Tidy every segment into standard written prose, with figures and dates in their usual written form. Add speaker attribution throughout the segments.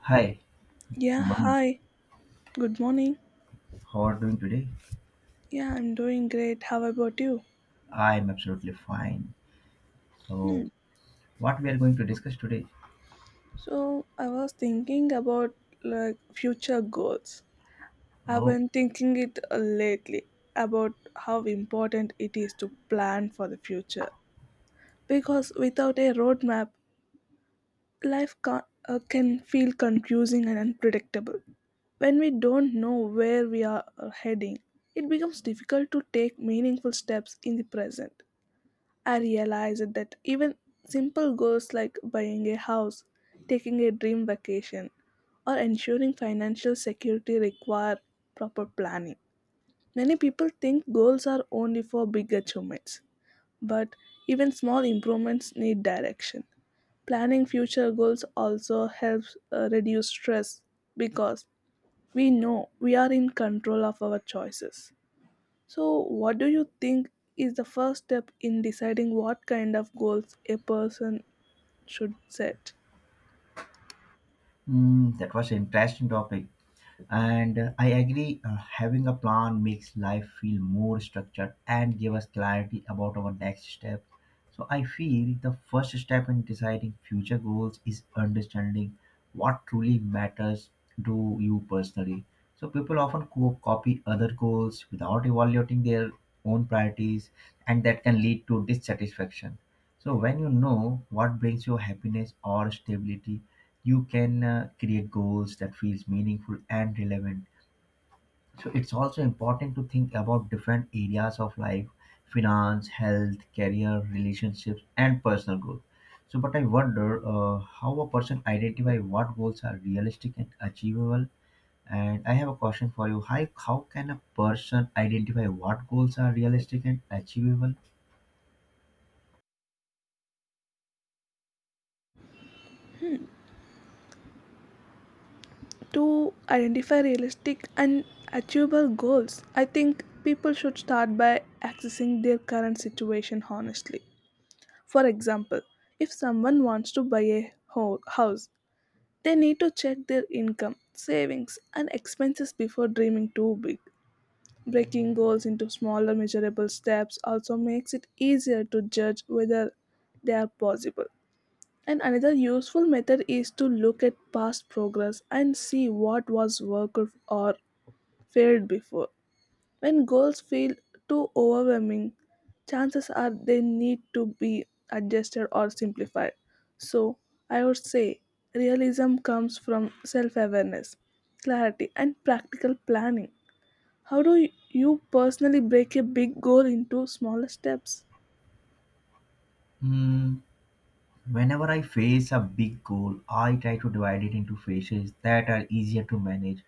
Speaker 1: Hi,
Speaker 2: Yeah,
Speaker 1: good morning.
Speaker 2: hi. Good morning.
Speaker 1: How are you doing today?
Speaker 2: Yeah, I'm doing great. How about you?
Speaker 1: I'm absolutely fine. So,
Speaker 2: Hmm.
Speaker 1: what we are going to discuss today?
Speaker 2: So, I was thinking about like future goals. I've
Speaker 1: Oh,
Speaker 2: been thinking it lately about how important it is to plan for the future because without a roadmap, life can feel confusing and unpredictable. When we don't know where we are heading, it becomes difficult to take meaningful steps in the present. I realized that even simple goals like buying a house, taking a dream vacation, or ensuring financial security require proper planning. Many people think goals are only for big achievements, but even small improvements need direction. Planning future goals also helps reduce stress because we know we are in control of our choices. So, what do you think is the first step in deciding what kind of goals a person should set?
Speaker 1: that was an interesting topic. And I agree, having a plan makes life feel more structured and give us clarity about our next step. So I feel the first step in deciding future goals is understanding what truly matters to you personally. So people often copy other goals without evaluating their own priorities, and that can lead to dissatisfaction. So when you know what brings you happiness or stability, you can create goals that feels meaningful and relevant. So it's also important to think about different areas of life: finance, health, career, relationships, and personal growth. So but I wonder, how a person identify what goals are realistic and achievable. And I have a question for you. Hi, how can a person identify what goals are realistic and achievable?
Speaker 2: To identify realistic and achievable goals, I think people should start by accessing their current situation honestly. For example, if someone wants to buy a house, they need to check their income, savings, and expenses before dreaming too big. Breaking goals into smaller, measurable steps also makes it easier to judge whether they are possible. And another useful method is to look at past progress and see what was worked or failed before. When goals feel too overwhelming, chances are they need to be adjusted or simplified. So, I would say realism comes from self awareness, clarity, and practical planning. How do you personally break a big goal into smaller steps?
Speaker 1: Hmm, Whenever I face a big goal, I try to divide it into phases that are easier to manage.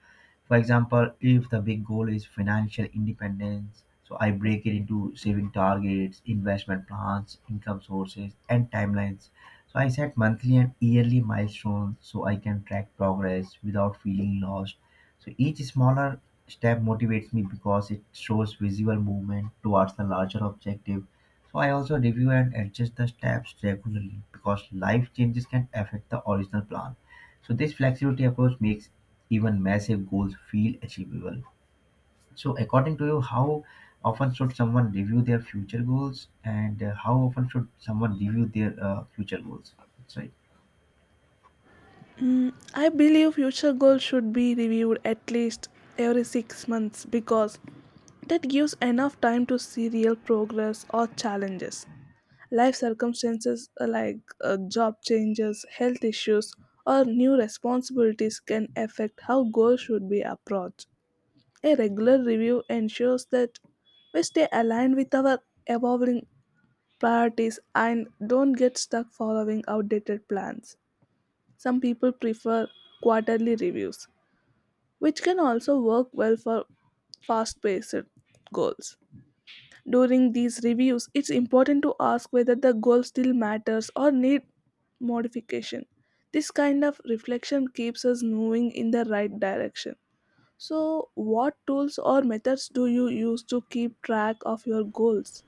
Speaker 1: For example, if the big goal is financial independence, so I break it into saving targets, investment plans, income sources, and timelines. So I set monthly and yearly milestones so I can track progress without feeling lost. So each smaller step motivates me because it shows visual movement towards the larger objective. So I also review and adjust the steps regularly because life changes can affect the original plan. So this flexibility approach makes even massive goals feel achievable. So according to you, how often should someone review their future goals, and how often should someone review their future goals? That's right.
Speaker 2: I believe future goals should be reviewed at least every 6 months because that gives enough time to see real progress or challenges. Life circumstances like job changes, health issues, or new responsibilities can affect how goals should be approached. A regular review ensures that we stay aligned with our evolving priorities and don't get stuck following outdated plans. Some people prefer quarterly reviews, which can also work well for fast paced goals. During these reviews, it's important to ask whether the goal still matters or need modification. This kind of reflection keeps us moving in the right direction. So, what tools or methods do you use to keep track of your goals?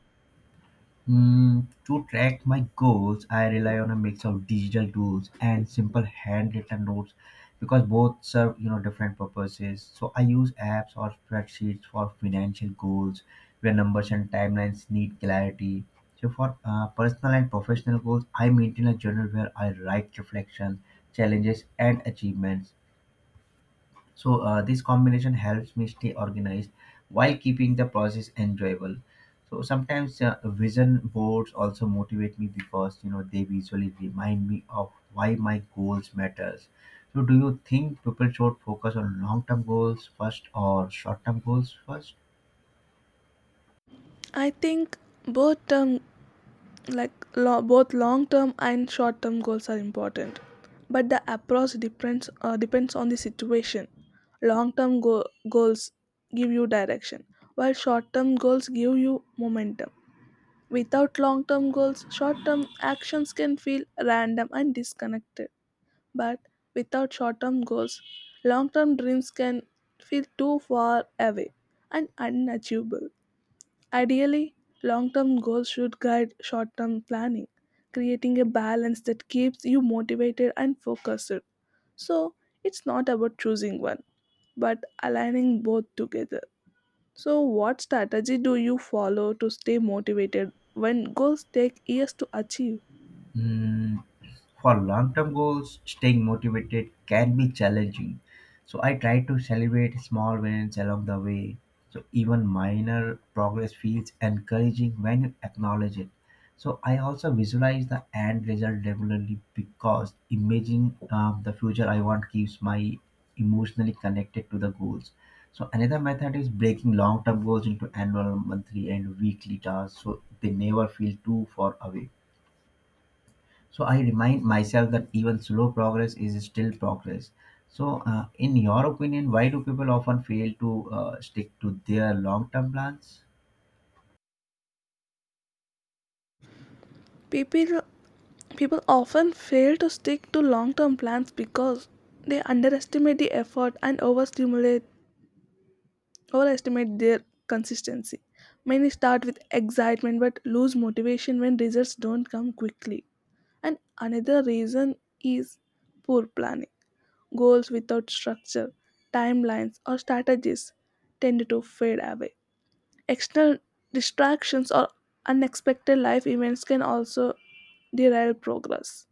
Speaker 1: To track my goals, I rely on a mix of digital tools and simple handwritten notes because both serve different purposes. So I use apps or spreadsheets for financial goals where numbers and timelines need clarity. So for personal and professional goals, I maintain a journal where I write reflections, challenges, and achievements. So this combination helps me stay organized while keeping the process enjoyable. So sometimes vision boards also motivate me because they visually remind me of why my goals matters. So do you think people should focus on long-term goals first or short-term goals first?
Speaker 2: I think both term, like both long term and short term goals are important, but the approach depends on the situation. Long term goals give you direction, while short term goals give you momentum. Without long term goals, short term actions can feel random and disconnected, but without short term goals, long term dreams can feel too far away and unachievable. Ideally, long term goals should guide short term planning, creating a balance that keeps you motivated and focused. So, it's not about choosing one, but aligning both together. So, what strategy do you follow to stay motivated when goals take years to achieve?
Speaker 1: Mm, for long term goals, staying motivated can be challenging. So I try to celebrate small wins along the way. So even minor progress feels encouraging when you acknowledge it. So I also visualize the end result regularly because imagining the future I want keeps my emotionally connected to the goals. So another method is breaking long-term goals into annual, monthly, and weekly tasks so they never feel too far away. So I remind myself that even slow progress is still progress. So, in your opinion, why do people often fail to stick to their long term plans?
Speaker 2: People People often fail to stick to long term plans because they underestimate the effort and overstimulate overestimate their consistency. Many start with excitement but lose motivation when results don't come quickly. And another reason is poor planning. Goals without structure, timelines, or strategies tend to fade away. External distractions or unexpected life events can also derail progress.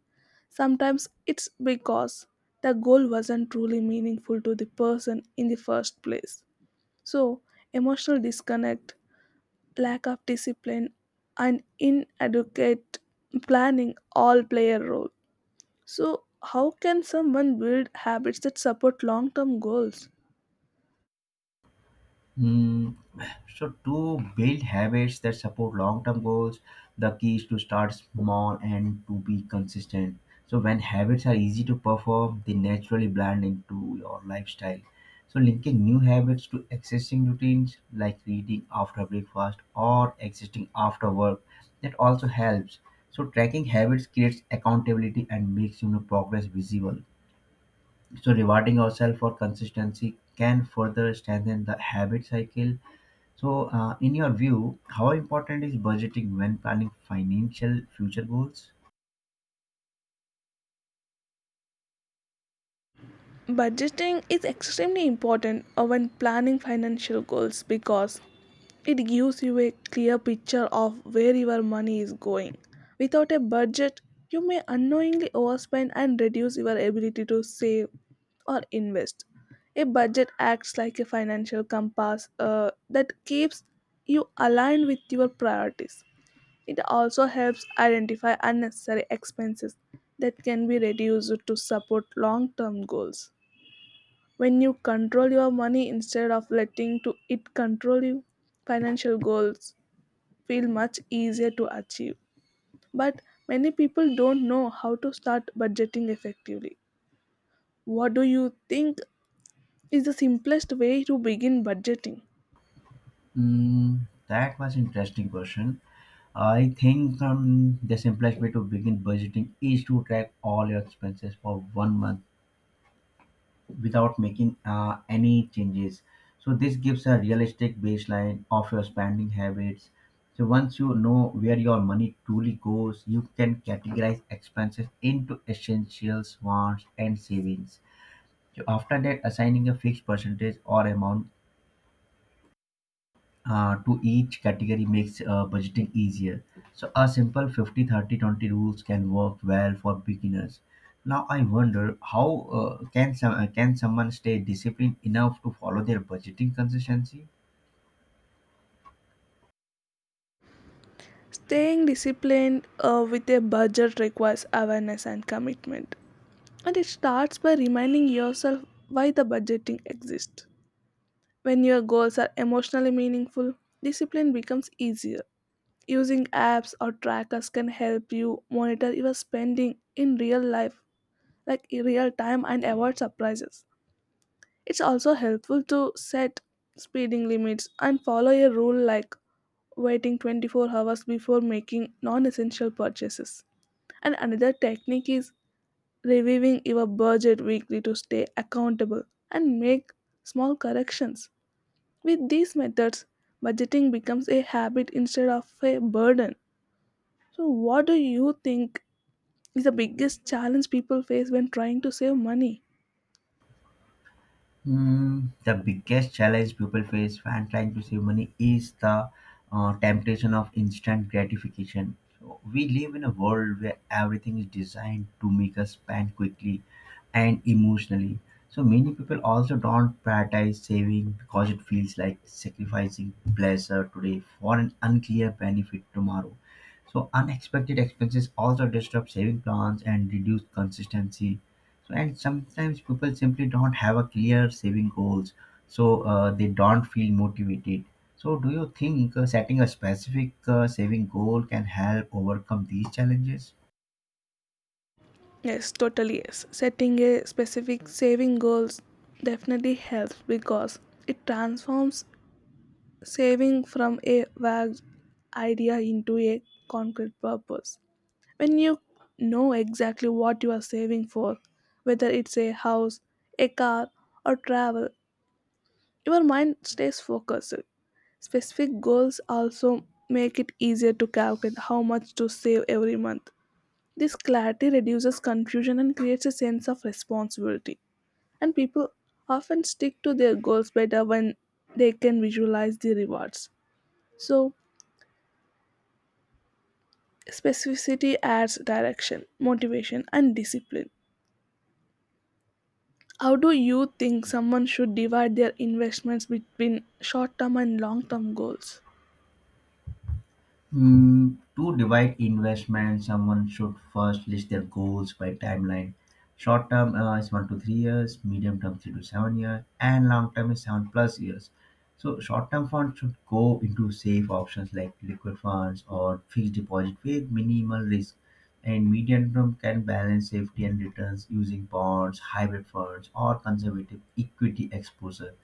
Speaker 2: Sometimes it's because the goal wasn't truly meaningful to the person in the first place. So, emotional disconnect, lack of discipline, and inadequate planning all play a role. So, how can someone build habits that support long term goals?
Speaker 1: Mm, so to build habits that support long-term goals, the key is to start small and to be consistent. So when habits are easy to perform, they naturally blend into your lifestyle. So linking new habits to existing routines like reading after breakfast or existing after work, that also helps. So tracking habits creates accountability and makes progress visible. So rewarding ourselves for consistency can further strengthen the habit cycle. So, in your view, how important is budgeting when planning financial future goals?
Speaker 2: Budgeting is extremely important when planning financial goals because it gives you a clear picture of where your money is going. Without a budget, you may unknowingly overspend and reduce your ability to save or invest. A budget acts like a financial compass that keeps you aligned with your priorities. It also helps identify unnecessary expenses that can be reduced to support long term goals. When you control your money instead of letting to it control you, financial goals feel much easier to achieve. But many people don't know how to start budgeting effectively. What do you think is the simplest way to begin budgeting?
Speaker 1: That was interesting question. I think the simplest way to begin budgeting is to track all your expenses for 1 month without making any changes. So this gives a realistic baseline of your spending habits. So once you know where your money truly goes, you can categorize expenses into essentials, wants, and savings. So, after that, assigning a fixed percentage or amount to each category makes budgeting easier. So, a simple 50/30/20 rules can work well for beginners. Now, I wonder how can someone stay disciplined enough to follow their budgeting consistency?
Speaker 2: Staying disciplined with a budget requires awareness and commitment, and it starts by reminding yourself why the budgeting exists. When your goals are emotionally meaningful, discipline becomes easier. Using apps or trackers can help you monitor your spending in real life, like in real time, and avoid surprises. It's also helpful to set speeding limits and follow a rule like waiting 24 hours before making non essential purchases. And another technique is reviewing your budget weekly to stay accountable and make small corrections. With these methods, budgeting becomes a habit instead of a burden. So, what do you think is the biggest challenge people face when trying to save money?
Speaker 1: The biggest challenge people face when trying to save money is the temptation of instant gratification. So we live in a world where everything is designed to make us spend quickly and emotionally. So many people also don't prioritize saving because it feels like sacrificing pleasure today for an unclear benefit tomorrow. So unexpected expenses also disrupt saving plans and reduce consistency, and sometimes people simply don't have a clear saving goals. So they don't feel motivated. So do you think setting a specific saving goal can help overcome these challenges?
Speaker 2: Yes, totally yes. Setting a specific saving goals definitely helps because it transforms saving from a vague idea into a concrete purpose. When you know exactly what you are saving for, whether it's a house, a car, or travel, your mind stays focused. Specific goals also make it easier to calculate how much to save every month. This clarity reduces confusion and creates a sense of responsibility. And people often stick to their goals better when they can visualize the rewards. So, specificity adds direction, motivation, and discipline. How do you think someone should divide their investments between short term and long term goals?
Speaker 1: To divide investment, someone should first list their goals by timeline. Short term is 1 to 3 years, medium term 3 to 7 years, and long term is 7 plus years. So short term funds should go into safe options like liquid funds or fixed deposit with minimal risk. And medium term can balance safety and returns using bonds, hybrid funds, or conservative equity exposure.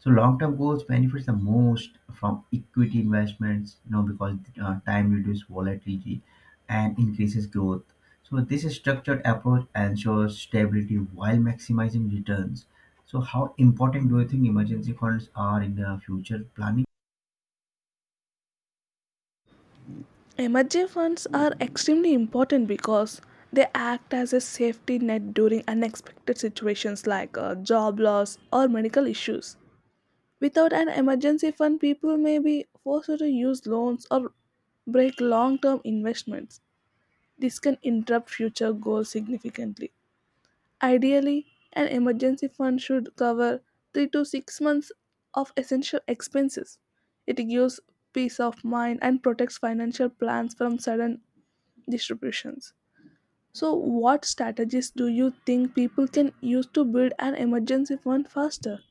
Speaker 1: So long-term goals benefits the most from equity investments, because time reduces volatility and increases growth. So this structured approach ensures stability while maximizing returns. So how important do you think emergency funds are in the future planning?
Speaker 2: Emergency funds are extremely important because they act as a safety net during unexpected situations like job loss or medical issues. Without an emergency fund, people may be forced to use loans or break long term investments. This can interrupt future goals significantly. Ideally, an emergency fund should cover 3 to 6 months of essential expenses. It gives peace of mind and protects financial plans from sudden distributions. So, what strategies do you think people can use to build an emergency fund faster?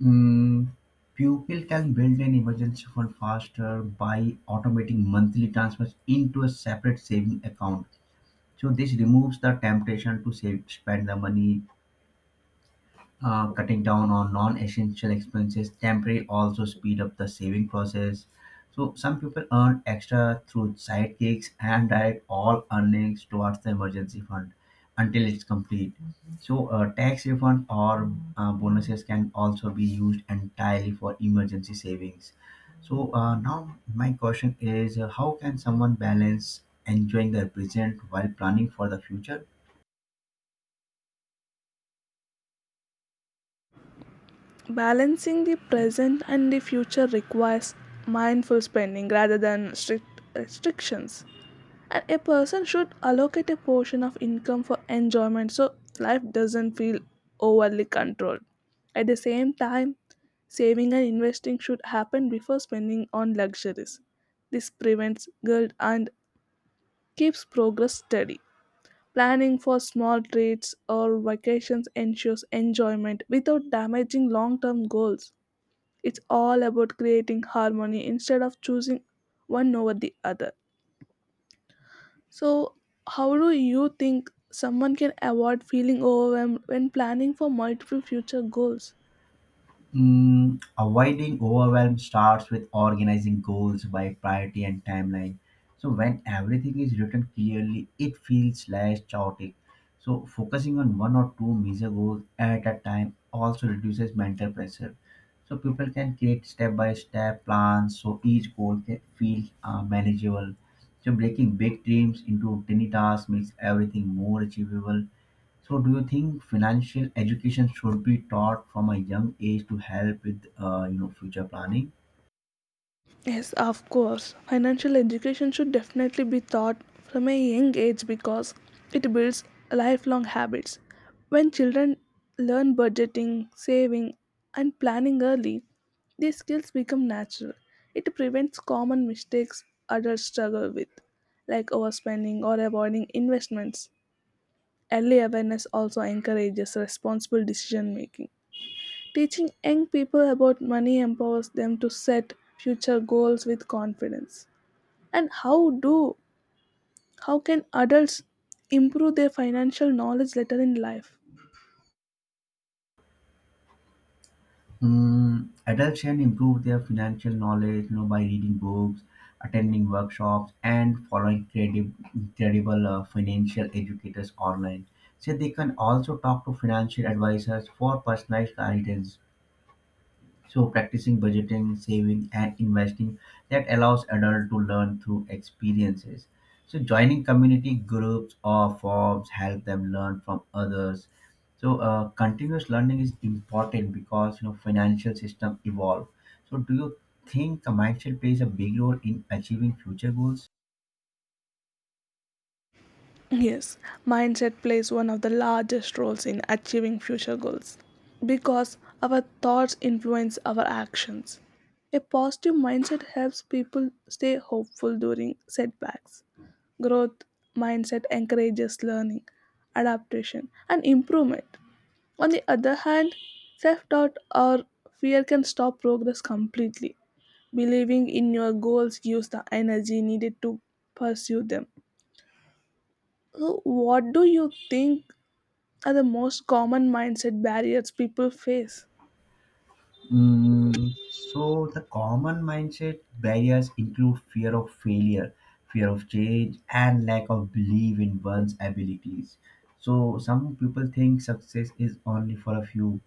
Speaker 1: Mm, People can build an emergency fund faster by automating monthly transfers into a separate saving account. So this removes the temptation to save, spend the money. Cutting down on non-essential expenses temporarily also speed up the saving process. So some people earn extra through side gigs and direct all earnings towards the emergency fund until it's complete. So tax refund or bonuses can also be used entirely for emergency savings. So now my question is, how can someone balance enjoying the present while planning for the future?
Speaker 2: Balancing the present and the future requires mindful spending rather than strict restrictions. And a person should allocate a portion of income for enjoyment, so life doesn't feel overly controlled. At the same time, saving and investing should happen before spending on luxuries. This prevents guilt and keeps progress steady. Planning for small treats or vacations ensures enjoyment without damaging long term goals. It's all about creating harmony instead of choosing one over the other. So, how do you think someone can avoid feeling overwhelmed when planning for multiple future goals?
Speaker 1: Avoiding overwhelm starts with organizing goals by priority and timeline. So, when everything is written clearly, it feels less chaotic. So, focusing on one or two major goals at a time also reduces mental pressure. So, people can create step by step plans so each goal can feel manageable. So, breaking big dreams into tiny tasks makes everything more achievable. So do you think financial education should be taught from a young age to help with future planning?
Speaker 2: Yes, of course. Financial education should definitely be taught from a young age because it builds lifelong habits. When children learn budgeting, saving, and planning early, these skills become natural. It prevents common mistakes adults struggle with, like overspending or avoiding investments. Early awareness also encourages responsible decision making. Teaching young people about money empowers them to set future goals with confidence. And how can adults improve their financial knowledge later in life?
Speaker 1: Adults can improve their financial knowledge by reading books, attending workshops, and following credible financial educators online. So they can also talk to financial advisors for personalized guidance. So practicing budgeting, saving, and investing that allows adults to learn through experiences. So joining community groups or forums help them learn from others. So continuous learning is important because financial system evolve. So do you think a mindset plays a big role in achieving future goals?
Speaker 2: Yes, mindset plays one of the largest roles in achieving future goals because our thoughts influence our actions. A positive mindset helps people stay hopeful during setbacks. Growth mindset encourages learning, adaptation, and improvement. On the other hand, self doubt or fear can stop progress completely. Believing in your goals gives the energy needed to pursue them. So what do you think are the most common mindset barriers people face?
Speaker 1: So the common mindset barriers include fear of failure, fear of change, and lack of belief in one's abilities. So some people think success is only for a few,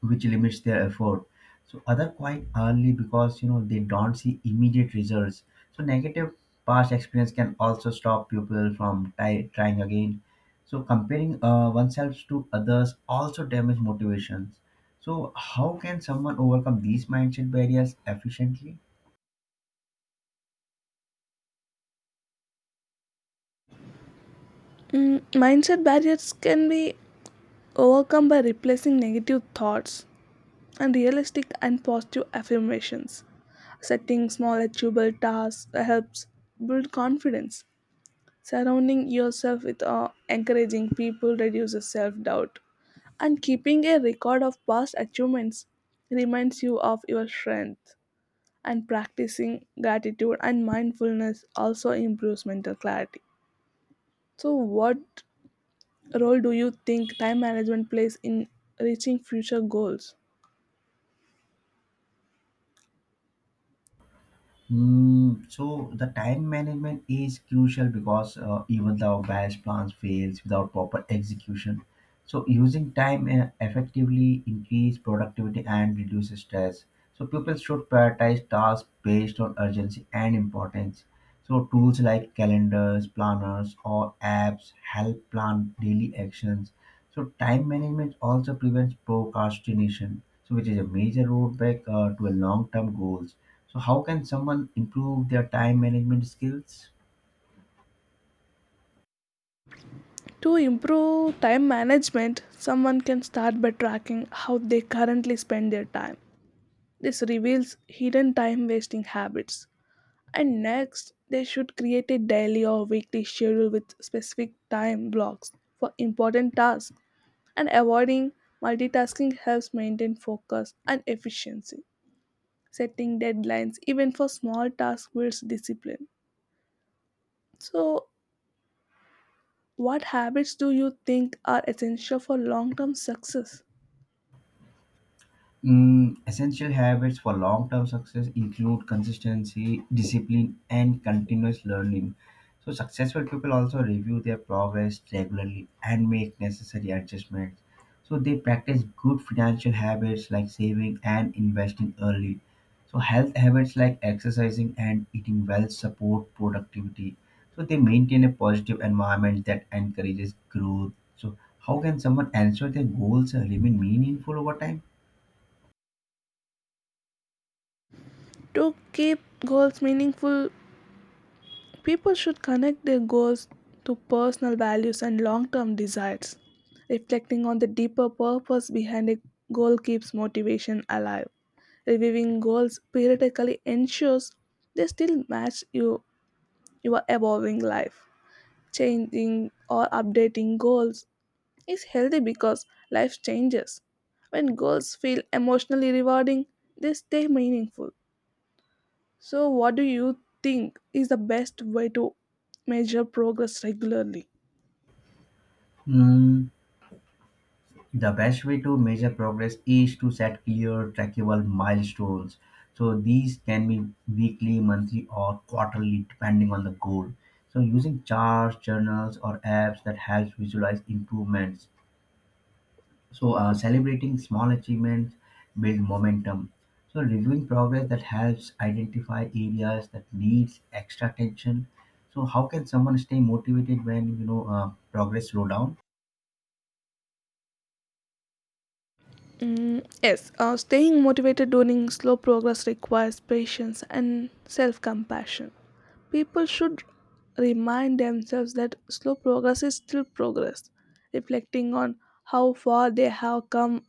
Speaker 1: which limits their effort. So other quite early because they don't see immediate results. So negative past experience can also stop people from trying again. So comparing oneself to others also damage motivations. So how can someone overcome these mindset barriers efficiently?
Speaker 2: Mm, mindset barriers can be overcome by replacing negative thoughts and realistic and positive affirmations. Setting small achievable tasks helps build confidence. Surrounding yourself with encouraging people reduces self doubt. And keeping a record of past achievements reminds you of your strength. And practicing gratitude and mindfulness also improves mental clarity. So, what role do you think time management plays in reaching future goals?
Speaker 1: So the time management is crucial because even the best plans fails without proper execution. So using time effectively increase productivity and reduce stress. So people should prioritize tasks based on urgency and importance. So tools like calendars, planners, or apps help plan daily actions. So time management also prevents procrastination, so which is a major roadblock to a long-term goals. So how can someone improve their time management skills?
Speaker 2: To improve time management, someone can start by tracking how they currently spend their time. This reveals hidden time wasting habits. And next, they should create a daily or weekly schedule with specific time blocks for important tasks, and avoiding multitasking helps maintain focus and efficiency. Setting deadlines, even for small tasks, builds discipline. So, what habits do you think are essential for long term success?
Speaker 1: Essential habits for long term success include consistency, discipline, and continuous learning. So, successful people also review their progress regularly and make necessary adjustments. So, they practice good financial habits like saving and investing early. So, health habits like exercising and eating well support productivity. So, they maintain a positive environment that encourages growth. So, how can someone ensure their goals remain meaningful over time?
Speaker 2: To keep goals meaningful, people should connect their goals to personal values and long term desires. Reflecting on the deeper purpose behind a goal keeps motivation alive. Reviewing goals periodically ensures they still match your evolving life. Changing or updating goals is healthy because life changes. When goals feel emotionally rewarding, they stay meaningful. So, what do you think is the best way to measure progress regularly?
Speaker 1: Mm, the best way to measure progress is to set clear, trackable milestones. So these can be weekly, monthly, or quarterly, depending on the goal. So using charts, journals, or apps that helps visualize improvements. So celebrating small achievements build momentum. So reviewing progress that helps identify areas that needs extra attention. So how can someone stay motivated when progress slow down?
Speaker 2: Mm, yes, staying motivated during slow progress requires patience and self compassion. People should remind themselves that slow progress is still progress. Reflecting on how far they have come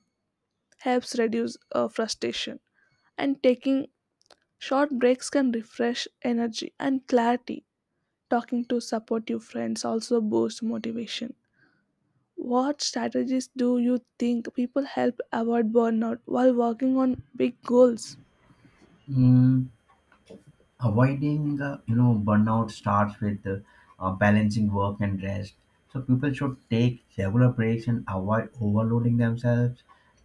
Speaker 2: helps reduce frustration, and taking short breaks can refresh energy and clarity. Talking to supportive friends also boosts motivation. What strategies do you think people help avoid burnout while working on big goals?
Speaker 1: Mm, Avoiding burnout starts with balancing work and rest. So people should take regular breaks and avoid overloading themselves.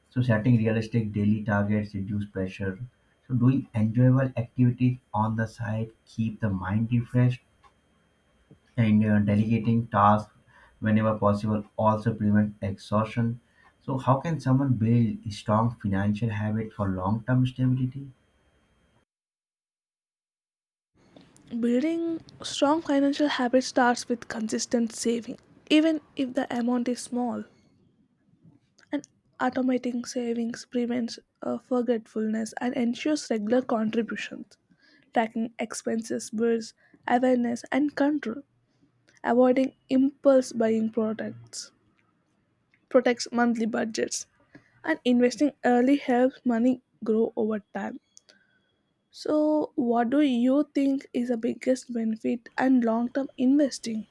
Speaker 1: So setting realistic daily targets reduce pressure. So doing enjoyable activities on the side keep the mind refreshed, and delegating tasks whenever possible also prevent exhaustion. So how can someone build a strong financial habit for long term stability?
Speaker 2: Building strong financial habits starts with consistent saving, even if the amount is small. And automating savings prevents forgetfulness and ensures regular contributions. Tracking expenses builds awareness and control. Avoiding impulse buying products protects monthly budgets, and investing early helps money grow over time. So, what do you think is the biggest benefit and long term investing?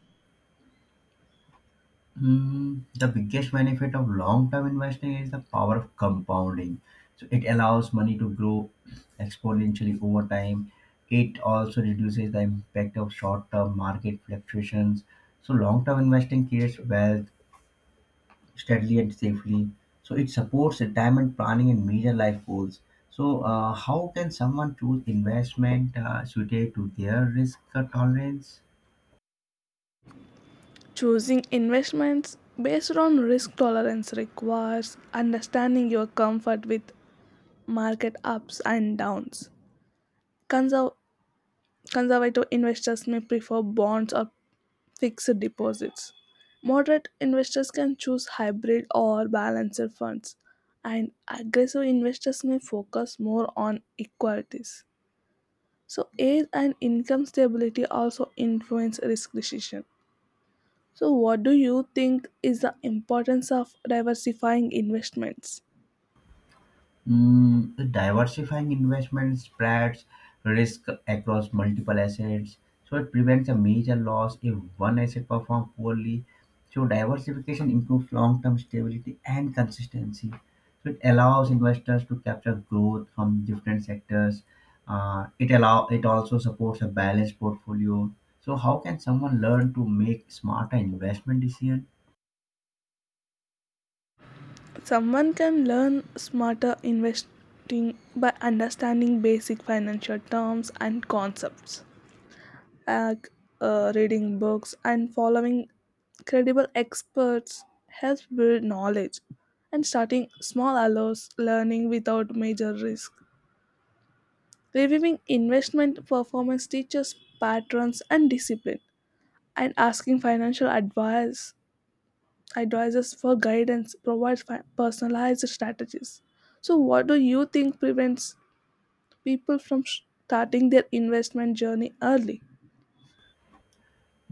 Speaker 1: The biggest benefit of long-term investing is the power of compounding. So it allows money to grow exponentially over time. It also reduces the impact of short-term market fluctuations. So long-term investing creates wealth steadily and safely. So it supports retirement planning and major life goals. So how can someone choose investment suited to their risk tolerance?
Speaker 2: Choosing investments based on risk tolerance requires understanding your comfort with market ups and downs. Conserv- Conservative investors may prefer bonds or fixed deposits. Moderate investors can choose hybrid or balanced funds, and aggressive investors may focus more on equities. So age and income stability also influence risk decision. So what do you think is the importance of diversifying investments?
Speaker 1: Diversifying investment spreads risk across multiple assets, so it prevents a major loss if one asset performs poorly. So diversification improves long-term stability and consistency. So it allows investors to capture growth from different sectors. It also supports a balanced portfolio. So how can someone learn to make smarter investment decisions?
Speaker 2: Someone can learn smarter investing by understanding basic financial terms and concepts, like reading books and following credible experts helps build knowledge, and starting small allows learning without major risk. Reviewing investment performance teaches patterns and discipline, and asking financial advice advisors for guidance provides personalized strategies. So what do you think prevents people from starting their investment journey early?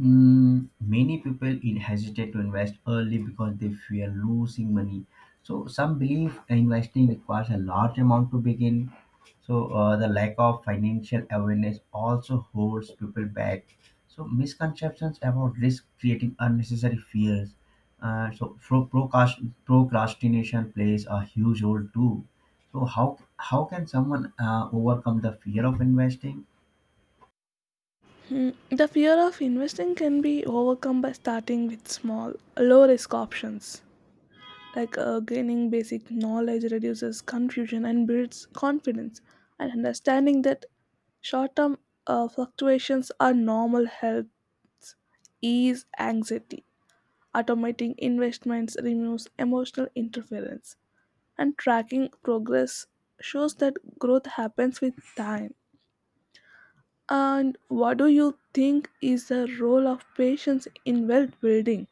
Speaker 1: Many people in hesitate to invest early because they fear losing money. So some believe investing requires a large amount to begin. So the lack of financial awareness also holds people back. So misconceptions about risk creating unnecessary fears. So procrastination plays a huge role too. So how can someone overcome the fear of investing?
Speaker 2: The fear of investing can be overcome by starting with small low risk options, like gaining basic knowledge reduces confusion and builds confidence, and understanding that short-term fluctuations are normal help ease anxiety. Automating investments removes emotional interference, and tracking progress shows that growth happens with time. And what do you think is the role of patience in wealth building?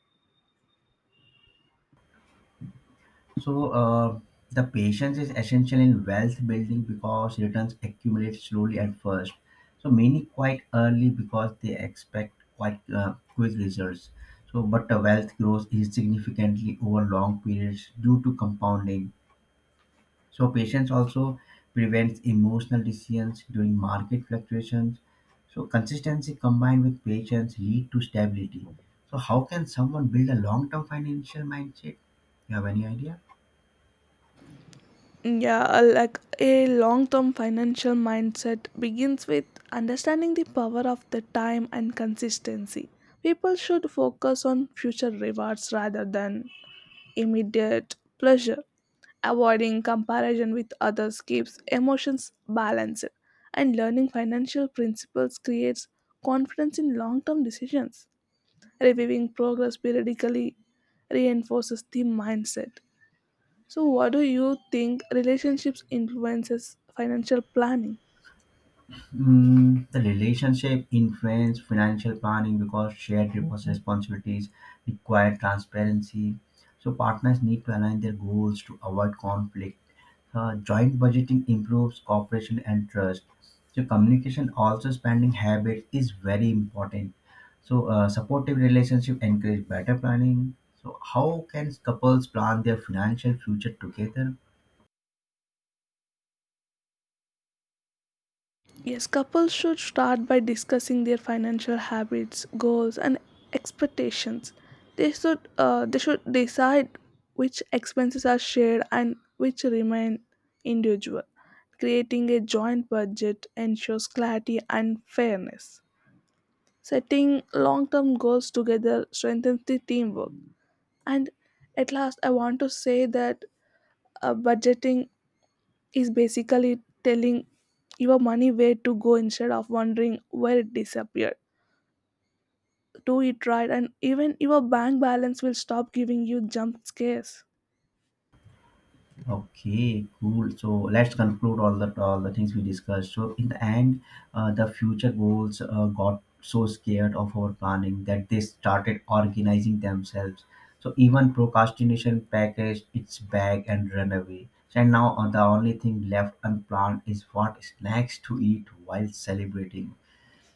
Speaker 1: So the patience is essential in wealth building because returns accumulate slowly at first. So many quite early because they expect quite quick results. So but the wealth grows is significantly over long periods due to compounding. So patience also prevents emotional decisions during market fluctuations. So consistency combined with patience lead to stability. So how can someone build a long-term financial mindset? You have any idea?
Speaker 2: Yeah, like a long term financial mindset begins with understanding the power of the time and consistency. People should focus on future rewards rather than immediate pleasure. Avoiding comparison with others keeps emotions balanced, and learning financial principles creates confidence in long term decisions. Reviewing progress periodically reinforces the mindset. So, what do you think relationships influences financial planning?
Speaker 1: The relationship influence financial planning because shared responsibilities require transparency. So partners need to align their goals to avoid conflict. Joint budgeting improves cooperation and trust. So communication also spending habits is very important. So supportive relationship encourage better planning. So how can couples plan their financial future together?
Speaker 2: Yes, couples should start by discussing their financial habits, goals, and expectations. They should decide which expenses are shared and which remain individual. Creating a joint budget ensures clarity and fairness. Setting long-term goals together strengthens the teamwork. And at last, I want to say that budgeting is basically telling your money where to go instead of wondering where it disappeared. Do it right, and even your bank balance will stop giving you jump scares.
Speaker 1: Okay, cool. So let's conclude all the things we discussed. So in the end, the future goals got so scared of our planning that they started organizing themselves. So even procrastination packaged its bag and ran away. And now the only thing left unplanned is what snacks to eat while celebrating.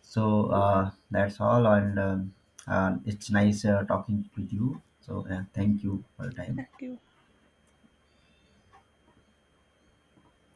Speaker 1: So that's all, and it's nice talking with you. So thank you for your time.
Speaker 2: Thank you.